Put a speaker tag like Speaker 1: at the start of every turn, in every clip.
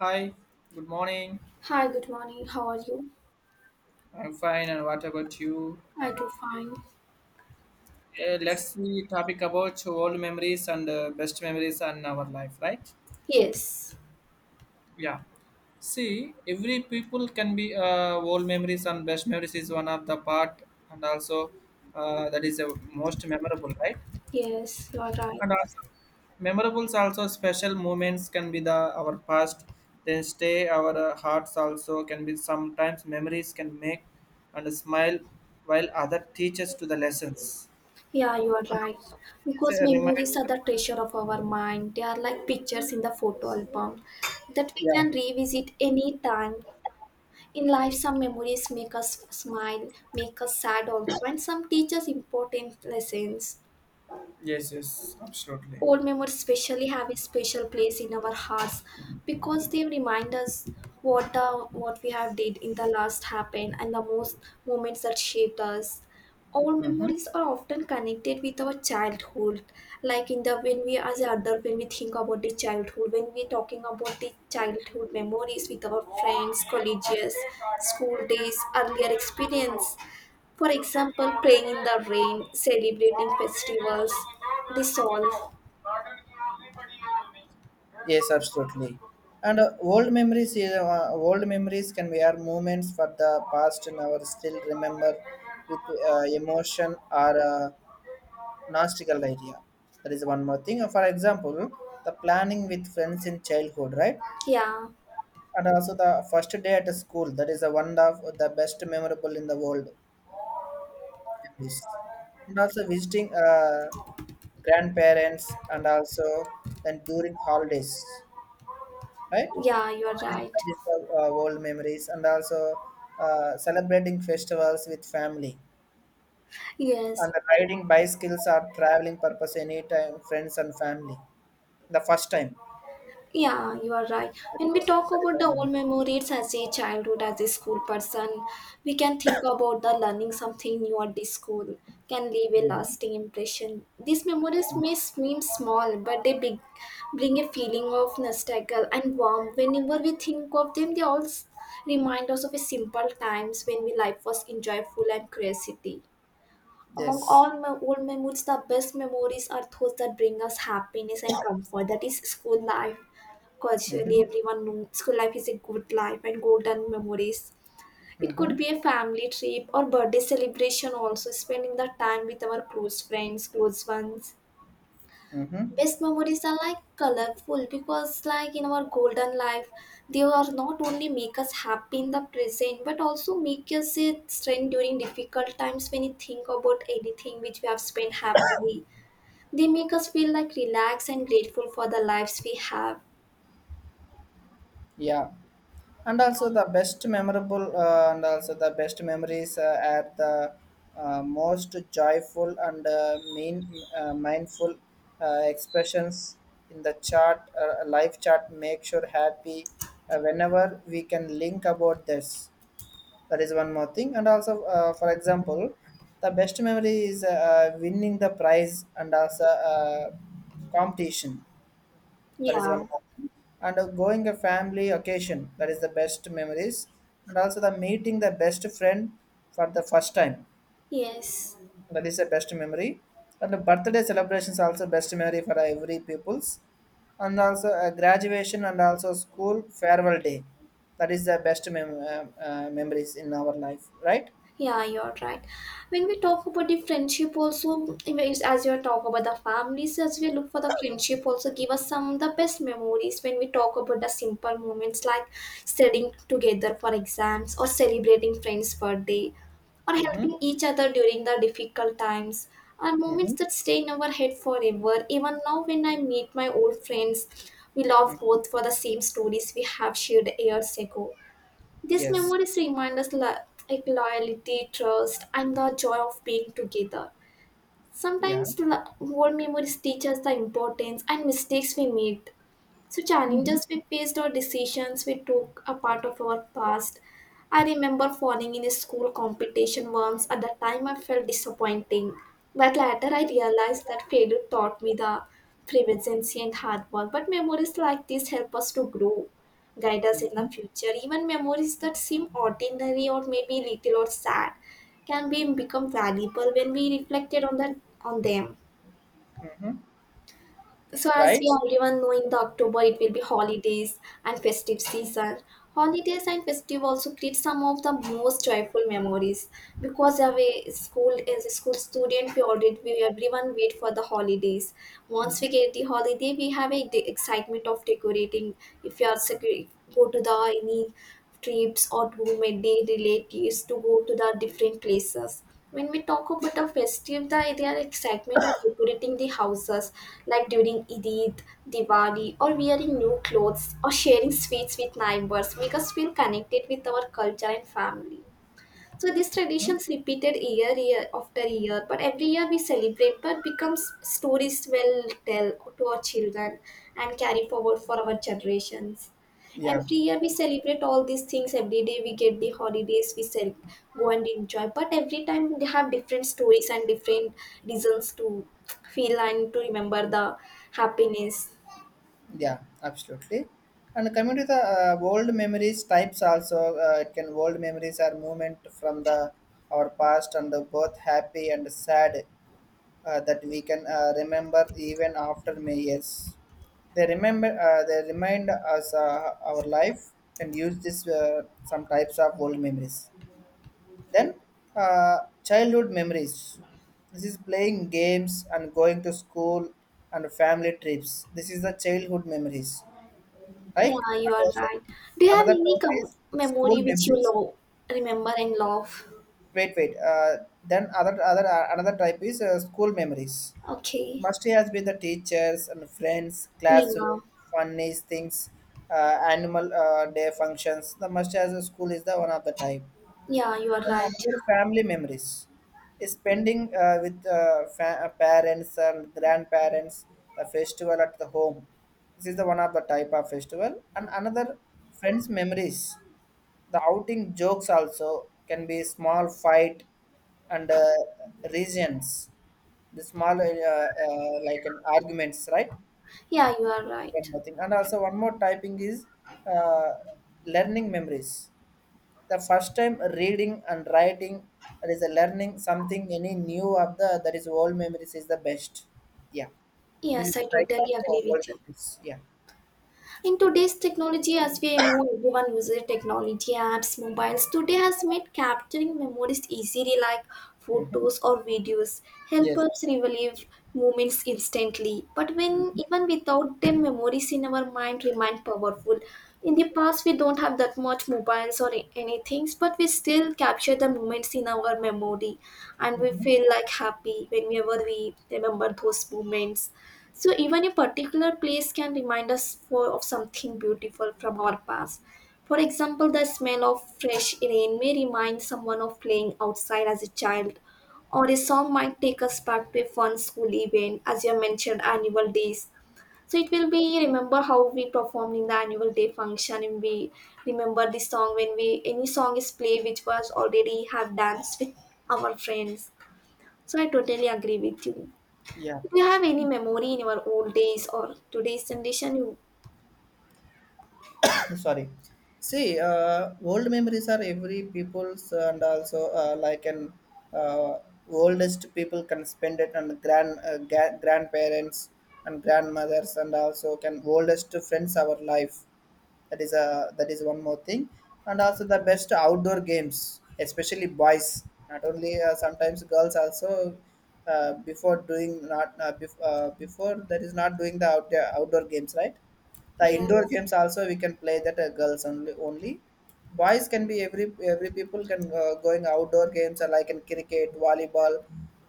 Speaker 1: Hi, good morning.
Speaker 2: Hi, good morning. How are you?
Speaker 1: I'm fine, and what about you?
Speaker 2: I do fine.
Speaker 1: Okay, let's see topic about old memories and best memories and our life, right?
Speaker 2: Yes,
Speaker 1: Yeah. See, every people can be old memories and best memories is one of the part, and also that is the most memorable, right?
Speaker 2: Yes, you are right.
Speaker 1: And also, memorables also special moments can be the our past, then stay our hearts also can be sometimes memories can make and smile while other teaches to the lessons.
Speaker 2: Yeah, you are
Speaker 1: And
Speaker 2: right.
Speaker 1: it's
Speaker 2: Because
Speaker 1: a
Speaker 2: memories are
Speaker 1: reminder.
Speaker 2: the treasure of our mind. They are like pictures in the photo album that we
Speaker 1: Yeah.
Speaker 2: can revisit any time. In life, some memories make us smile, make us sad also, and some teach us important lessons.
Speaker 1: Yes, yes, absolutely.
Speaker 2: Old memories especially have a special place in our hearts because they remind us what we have did in the last happened and the most moments that shaped us. Old memories are often connected with our childhood, like in the when we as an adult when we think about the childhood, when we talking about the childhood memories with our friends, colleges, school days, earlier experience. For example, playing in the rain, celebrating festivals, this all.
Speaker 1: Yes, absolutely. And old memories can be our moments for the past and our still remember with emotion or Nastical idea. That is one more thing. For example, the planning with friends in childhood, right?
Speaker 2: Yeah,
Speaker 1: And also the first day at school. That is the one of the best memorable in the world memories. And also visiting grandparents and also then during holidays, right?
Speaker 2: yeah, you are
Speaker 1: That is
Speaker 2: right.
Speaker 1: that is the old memories and also celebrating festivals with family
Speaker 2: Yes,
Speaker 1: and riding bicycles or traveling purpose anytime friends and family the first time.
Speaker 2: yeah, you are right.
Speaker 1: That
Speaker 2: When
Speaker 1: is
Speaker 2: we
Speaker 1: a
Speaker 2: talk
Speaker 1: that is
Speaker 2: about
Speaker 1: a
Speaker 2: the old
Speaker 1: myth.
Speaker 2: memories as a childhood, as a school person, we can think about the learning something new at the school can leave a
Speaker 1: Mhm.
Speaker 2: lasting impression. These memories may seem small, but they big, bring a feeling of nostalgia and warmth. Whenever we think of them, they also remind us of a simple times when we life was enjoyful and curiosity. Among
Speaker 1: Yes.
Speaker 2: all my old memories, the best memories are those that bring us happiness and comfort. That is school life.
Speaker 1: Mm-hmm.
Speaker 2: Culturally, everyone knows school life is a good life and golden memories. It could
Speaker 1: Mm-hmm.
Speaker 2: be a family trip or birthday celebration, also spending the time with our close friends, close ones.
Speaker 1: Mm-hmm.
Speaker 2: Best memories are like colorful because like in our golden life they are not only make us happy in the present but also make us a strength during difficult times. When you think about anything which we have spent happily, they make us feel like relaxed and grateful for the lives we have.
Speaker 1: Yeah. and also the best memorable and also the best memories are the most joyful and mean mindful expressions in the chart life chart make sure happy, whenever we can link about this. That is one more thing. And also, for example, the best memory is winning the prize and also competition. That is
Speaker 2: Yeah.
Speaker 1: one more thing. And going a family occasion, that is the best memories. And also the meeting the best friend for the first time,
Speaker 2: Yes.
Speaker 1: that is the best memory. And the birthday celebrations also best memory for every people's. And also graduation and also school farewell day, that is the best memories in our life, right?
Speaker 2: Yeah, you're right. When we talk about the friendship, also it's as you talk about the families, as we look for the friendship, also give us some of the best memories. When we talk about the simple moments like studying together for exams, or celebrating friends' birthday, or
Speaker 1: Mm-hmm.
Speaker 2: helping each other during the difficult times, are moments
Speaker 1: Mm-hmm.
Speaker 2: that stay in our head forever. Even now, when I meet my old friends, we laugh
Speaker 1: Mm.
Speaker 2: both for the same stories we have shared years ago. These
Speaker 1: Yes.
Speaker 2: memories remind us like loyalty, trust, and the joy of being together.
Speaker 1: Yeah.
Speaker 2: Sometimes the old memories teach us the importance and mistakes we made, so
Speaker 1: Mm-hmm.
Speaker 2: challenges we faced or decisions we took a part of our past. I remember falling in a school competition once. At the time, I felt disappointing. But later, I realized that failure taught me the perseverance and hard work. But memories like this help us to grow, guide us in
Speaker 1: Mm-hmm.
Speaker 2: the future. Even memories that seem ordinary or maybe little or sad can be become valuable when we reflected on that on them. So, as
Speaker 1: Right?
Speaker 2: we everyone know, in the October it will be holidays and festive season. Holidays and festive also create some of the most joyful memories because as a school student we already we everyone wait for the holidays. Once we get the holiday, we have a excitement of decorating. If you are go to the any trips or to meet their relatives to go to the different places. When we talk about the festive, there are excitement of decorating the houses like during Eid, Diwali, or wearing new clothes or sharing sweets with neighbors make us feel connected with our culture and family. So these traditions repeated year after year, but every year we celebrate, but becomes stories we'll tell to our children and carry forward for our generations.
Speaker 1: Yeah.
Speaker 2: Every year we celebrate all these things. Every day we get the holidays we sell, go and enjoy. But every time they have different stories and different reasons to feel and to remember the happiness.
Speaker 1: Yeah. Absolutely. And coming to the old memories types also, it can old memories are movement from the our past and the both happy and sad, that we can remember even after many years. They remember. They remind us our life. Can use this some types of old memories. Then, uh, childhood memories. This is playing games and going to school and family trips. This is the childhood memories, right?
Speaker 2: Yeah, you
Speaker 1: And
Speaker 2: are
Speaker 1: also
Speaker 2: right. Do you have
Speaker 1: another
Speaker 2: any
Speaker 1: type is school
Speaker 2: memory which you
Speaker 1: memories.
Speaker 2: love, remember and love?
Speaker 1: Wait, wait. Then other other another type is school memories.
Speaker 2: Okay.
Speaker 1: Must has been the teachers and friends,
Speaker 2: Yeah,
Speaker 1: classroom, funny things, animal day functions. The must has a school is the one of the type.
Speaker 2: yeah, you are
Speaker 1: And
Speaker 2: right.
Speaker 1: another family memories is spending with parents and grandparents, the festival at the home. This is the one of the type of festival. And another friends memories, the outing jokes also can be small fight and regions, the small like an arguments, right?
Speaker 2: Yeah, you are
Speaker 1: And then
Speaker 2: right.
Speaker 1: nothing. And also one more typing is uh, learning memories, the first time reading and writing. That is a learning something any new of the, that is old memories is the best. Yeah. This is
Speaker 2: Yes, I
Speaker 1: the types
Speaker 2: totally
Speaker 1: of
Speaker 2: agree
Speaker 1: old
Speaker 2: with you.
Speaker 1: memories. Yeah.
Speaker 2: In today's technology, as we know, everyone uses technology apps, mobiles. Today has made capturing memories easily, like
Speaker 1: Hmm.
Speaker 2: photos or videos, help
Speaker 1: Yes.
Speaker 2: us relive moments instantly. But when
Speaker 1: Hmm.
Speaker 2: even without them, memories in our mind remain powerful. In the past, we don't have that much mobiles or anything, but we still capture the moments in our memory, and we
Speaker 1: Hmm.
Speaker 2: feel like happy whenever we remember those moments. So even a particular place can remind us for, of something beautiful from our past. For example, the smell of fresh rain may remind someone of playing outside as a child, or a song might take us back to a fun school event, as you have mentioned, annual days. So it will be remember how we performed in the annual day function, and we remember the song when we any song is played which was already have danced with our friends. So I totally agree with you. Do
Speaker 1: Yeah.
Speaker 2: you have any memory in your old days or today's generation? You,
Speaker 1: Sorry. See, old memories are every people's and also like an uh, oldest people can spend it on grandparents and grandmothers and also can oldest friends our life. That is a, that is one more thing. And also the best outdoor games, especially boys, not only sometimes girls also, before that is not doing the outdoor games, right? The indoor
Speaker 2: yes.
Speaker 1: games also we can play that, girls only, only boys can be every people can going outdoor games like in cricket, volleyball,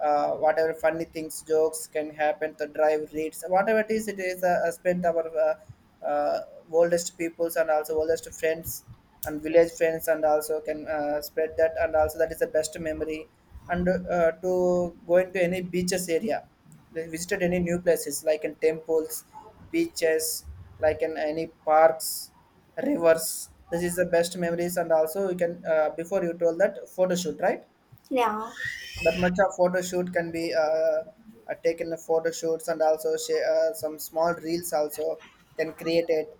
Speaker 1: whatever funny things jokes can happen to drive reads whatever it is, it is spent our uh, oldest peoples and also oldest friends and village friends and also can spread that, and also that is the best memory. And to going to any beaches area, they visited any new places like in temples, beaches, like in any parks, rivers. This is the best memories. And also you can, before you told that photo shoot, right?
Speaker 2: Yeah.
Speaker 1: That much of photo shoot can be taken the photo shoots and also share, some small reels also can create it.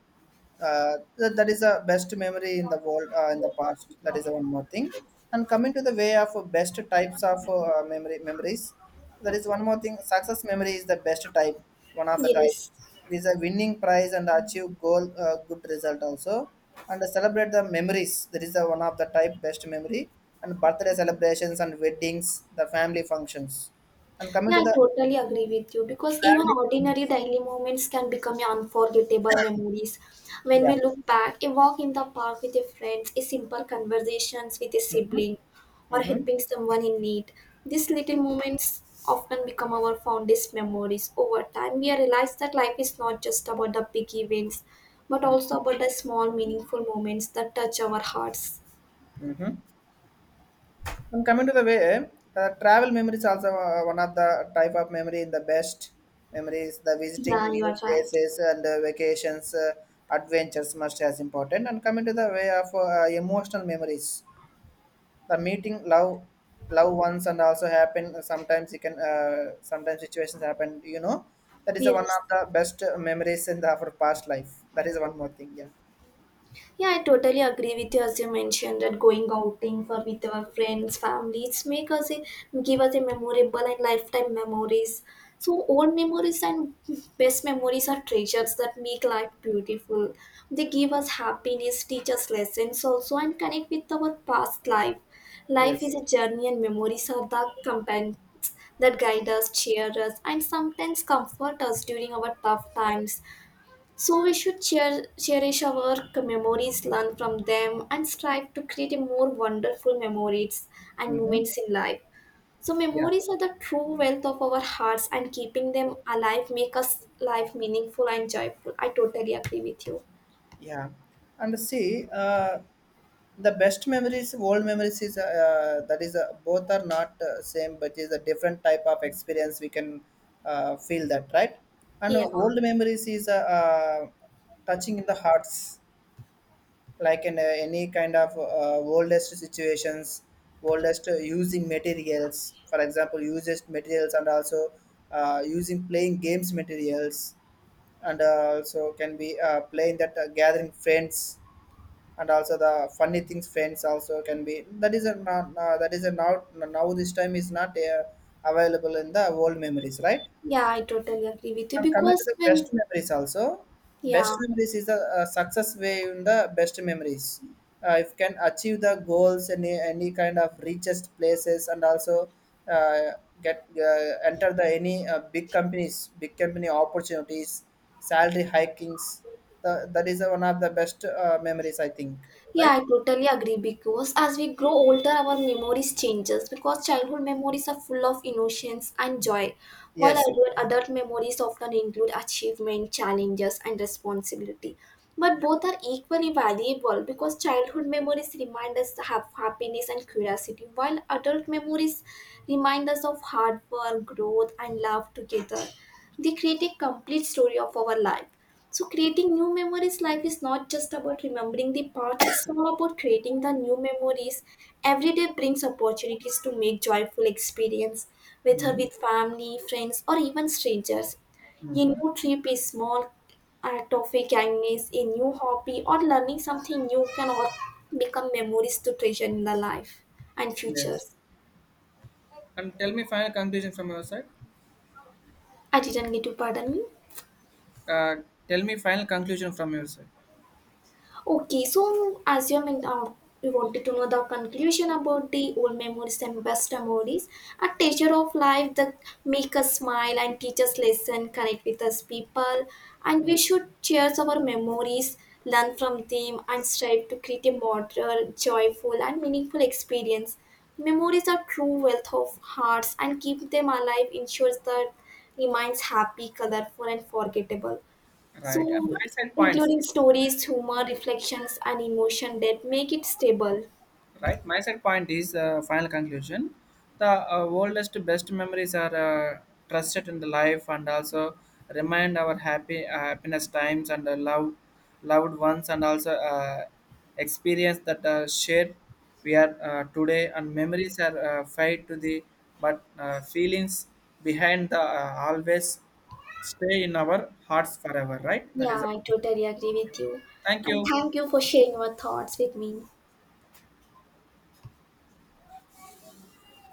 Speaker 1: That is the best memory in the world, in the past. That is the one more thing. And coming to the way of best types of memory memories, that is one more thing. Success memory is the best type, one of the type.
Speaker 2: Yes.
Speaker 1: It is a winning prize and achieve goal, good result also, and celebrate the memories. That is the one of the type best memory. And birthday celebrations and weddings, the family functions. And coming
Speaker 2: Yeah,
Speaker 1: to
Speaker 2: I
Speaker 1: the
Speaker 2: totally agree with you because even
Speaker 1: traveling
Speaker 2: ordinary
Speaker 1: memories.
Speaker 2: daily moments can become unforgettable memories. When
Speaker 1: Yeah.
Speaker 2: we look back, a walk in the park with a friend, a simple conversations with a sibling, or
Speaker 1: Mm-hmm.
Speaker 2: helping someone in need. These little moments often become our fondest memories. Over time, we realize that life is not just about the big events, but
Speaker 1: Mm-hmm.
Speaker 2: also about the small, meaningful moments that touch our hearts.
Speaker 1: Mm-hmm. And coming to the way, travel memory is also one of the type of memory in the best memories. The visiting
Speaker 2: Yeah, you
Speaker 1: new
Speaker 2: are right.
Speaker 1: places and vacations, adventures must as important. And coming to the way of emotional memories, the meeting love, love ones and also happen. Sometimes you can, sometimes situations happen, you know. That is one
Speaker 2: Yes.
Speaker 1: of the best memories in the, our past life. That is one more thing. Yeah.
Speaker 2: Yeah, I totally agree with you as you mentioned that going outing for with our friends, families make us a, give us a memorable and lifetime memories. So old memories and best memories are treasures that make life beautiful. They give us happiness, teach us lessons also and connect with our past life. Life is
Speaker 1: Yes.
Speaker 2: a journey and memories are the companions that guide us, cheer us and sometimes comfort us during our tough times. So we should cherish our memories, learn from them, and strive to create a more wonderful memories and
Speaker 1: Mm-hmm.
Speaker 2: moments in life. So
Speaker 1: Yeah.
Speaker 2: memories are the true wealth of our hearts, and keeping them alive make us life meaningful and joyful. I totally agree with you.
Speaker 1: Yeah, and see, the best memories, old memories is, that is, both are not same, but is a different type of experience we can feel that, right. And
Speaker 2: Yeah,
Speaker 1: old memories is touching in the hearts, like in any kind of oldest situations, oldest using materials, for example, used materials, and also using playing games materials, and also can be playing that gathering friends and also the funny things friends also can be that is a not, that is a not now this time is not available in the old memories, right?
Speaker 2: yeah, I totally agree with you
Speaker 1: And coming to
Speaker 2: because
Speaker 1: the
Speaker 2: when
Speaker 1: best memories also, best
Speaker 2: yeah.
Speaker 1: memories is a success way in the best memories. If can achieve the goals and any kind of richest places, and also uh, get enter the any big companies, big company opportunities, salary hikings, the, that is one of the best memories, I think.
Speaker 2: Yeah, I
Speaker 1: Right?
Speaker 2: totally agree because as we grow older, our memories changes because childhood memories are full of innocence and joy, while
Speaker 1: Yes. Yes.
Speaker 2: adult memories often include achievement, challenges, and responsibility. But
Speaker 1: Yeah.
Speaker 2: both are equally valuable because childhood memories remind us to have happiness and curiosity, while adult memories remind us of hard work, growth, and love together. They create a complete story of our life. So creating new memories life is not just about remembering the past, it's all about creating the new memories. Every day brings opportunities to make joyful experience, whether
Speaker 1: Hmm.
Speaker 2: with family, friends, or even strangers. A
Speaker 1: Hmm.
Speaker 2: new trip is small act of a kindness, a new hobby, or learning something new can all become memories to treasure in the life and
Speaker 1: Yes.
Speaker 2: futures.
Speaker 1: And tell me final conclusion from your side.
Speaker 2: I didn't get to pardon me.
Speaker 1: Uh, Tell me final conclusion from your side.
Speaker 2: Okay, so assuming you wanted to know the conclusion about the old memories and best memories, a teacher of life that make us smile and teach us lesson, connect with us people, and we should cherish our memories, learn from them, and strive to create a modern, joyful, and meaningful experience. Memories are true wealth of hearts, and keep them alive ensures that remains happy, colorful, and forgettable.
Speaker 1: Right. And
Speaker 2: So,
Speaker 1: my side points.
Speaker 2: including stories, humor, reflections, and emotion that make it stable.
Speaker 1: Right, my side point is, final conclusion, the oldest best memories are trusted in the life, and also remind our happy happiness times and love, loved ones, and also experience that shared we are today. And memories are fade to the, but feelings behind the always stay in our hearts forever, right? That
Speaker 2: Yeah,
Speaker 1: is all.
Speaker 2: I totally agree with you.
Speaker 1: Thank
Speaker 2: And
Speaker 1: you.
Speaker 2: thank you for sharing your thoughts with me.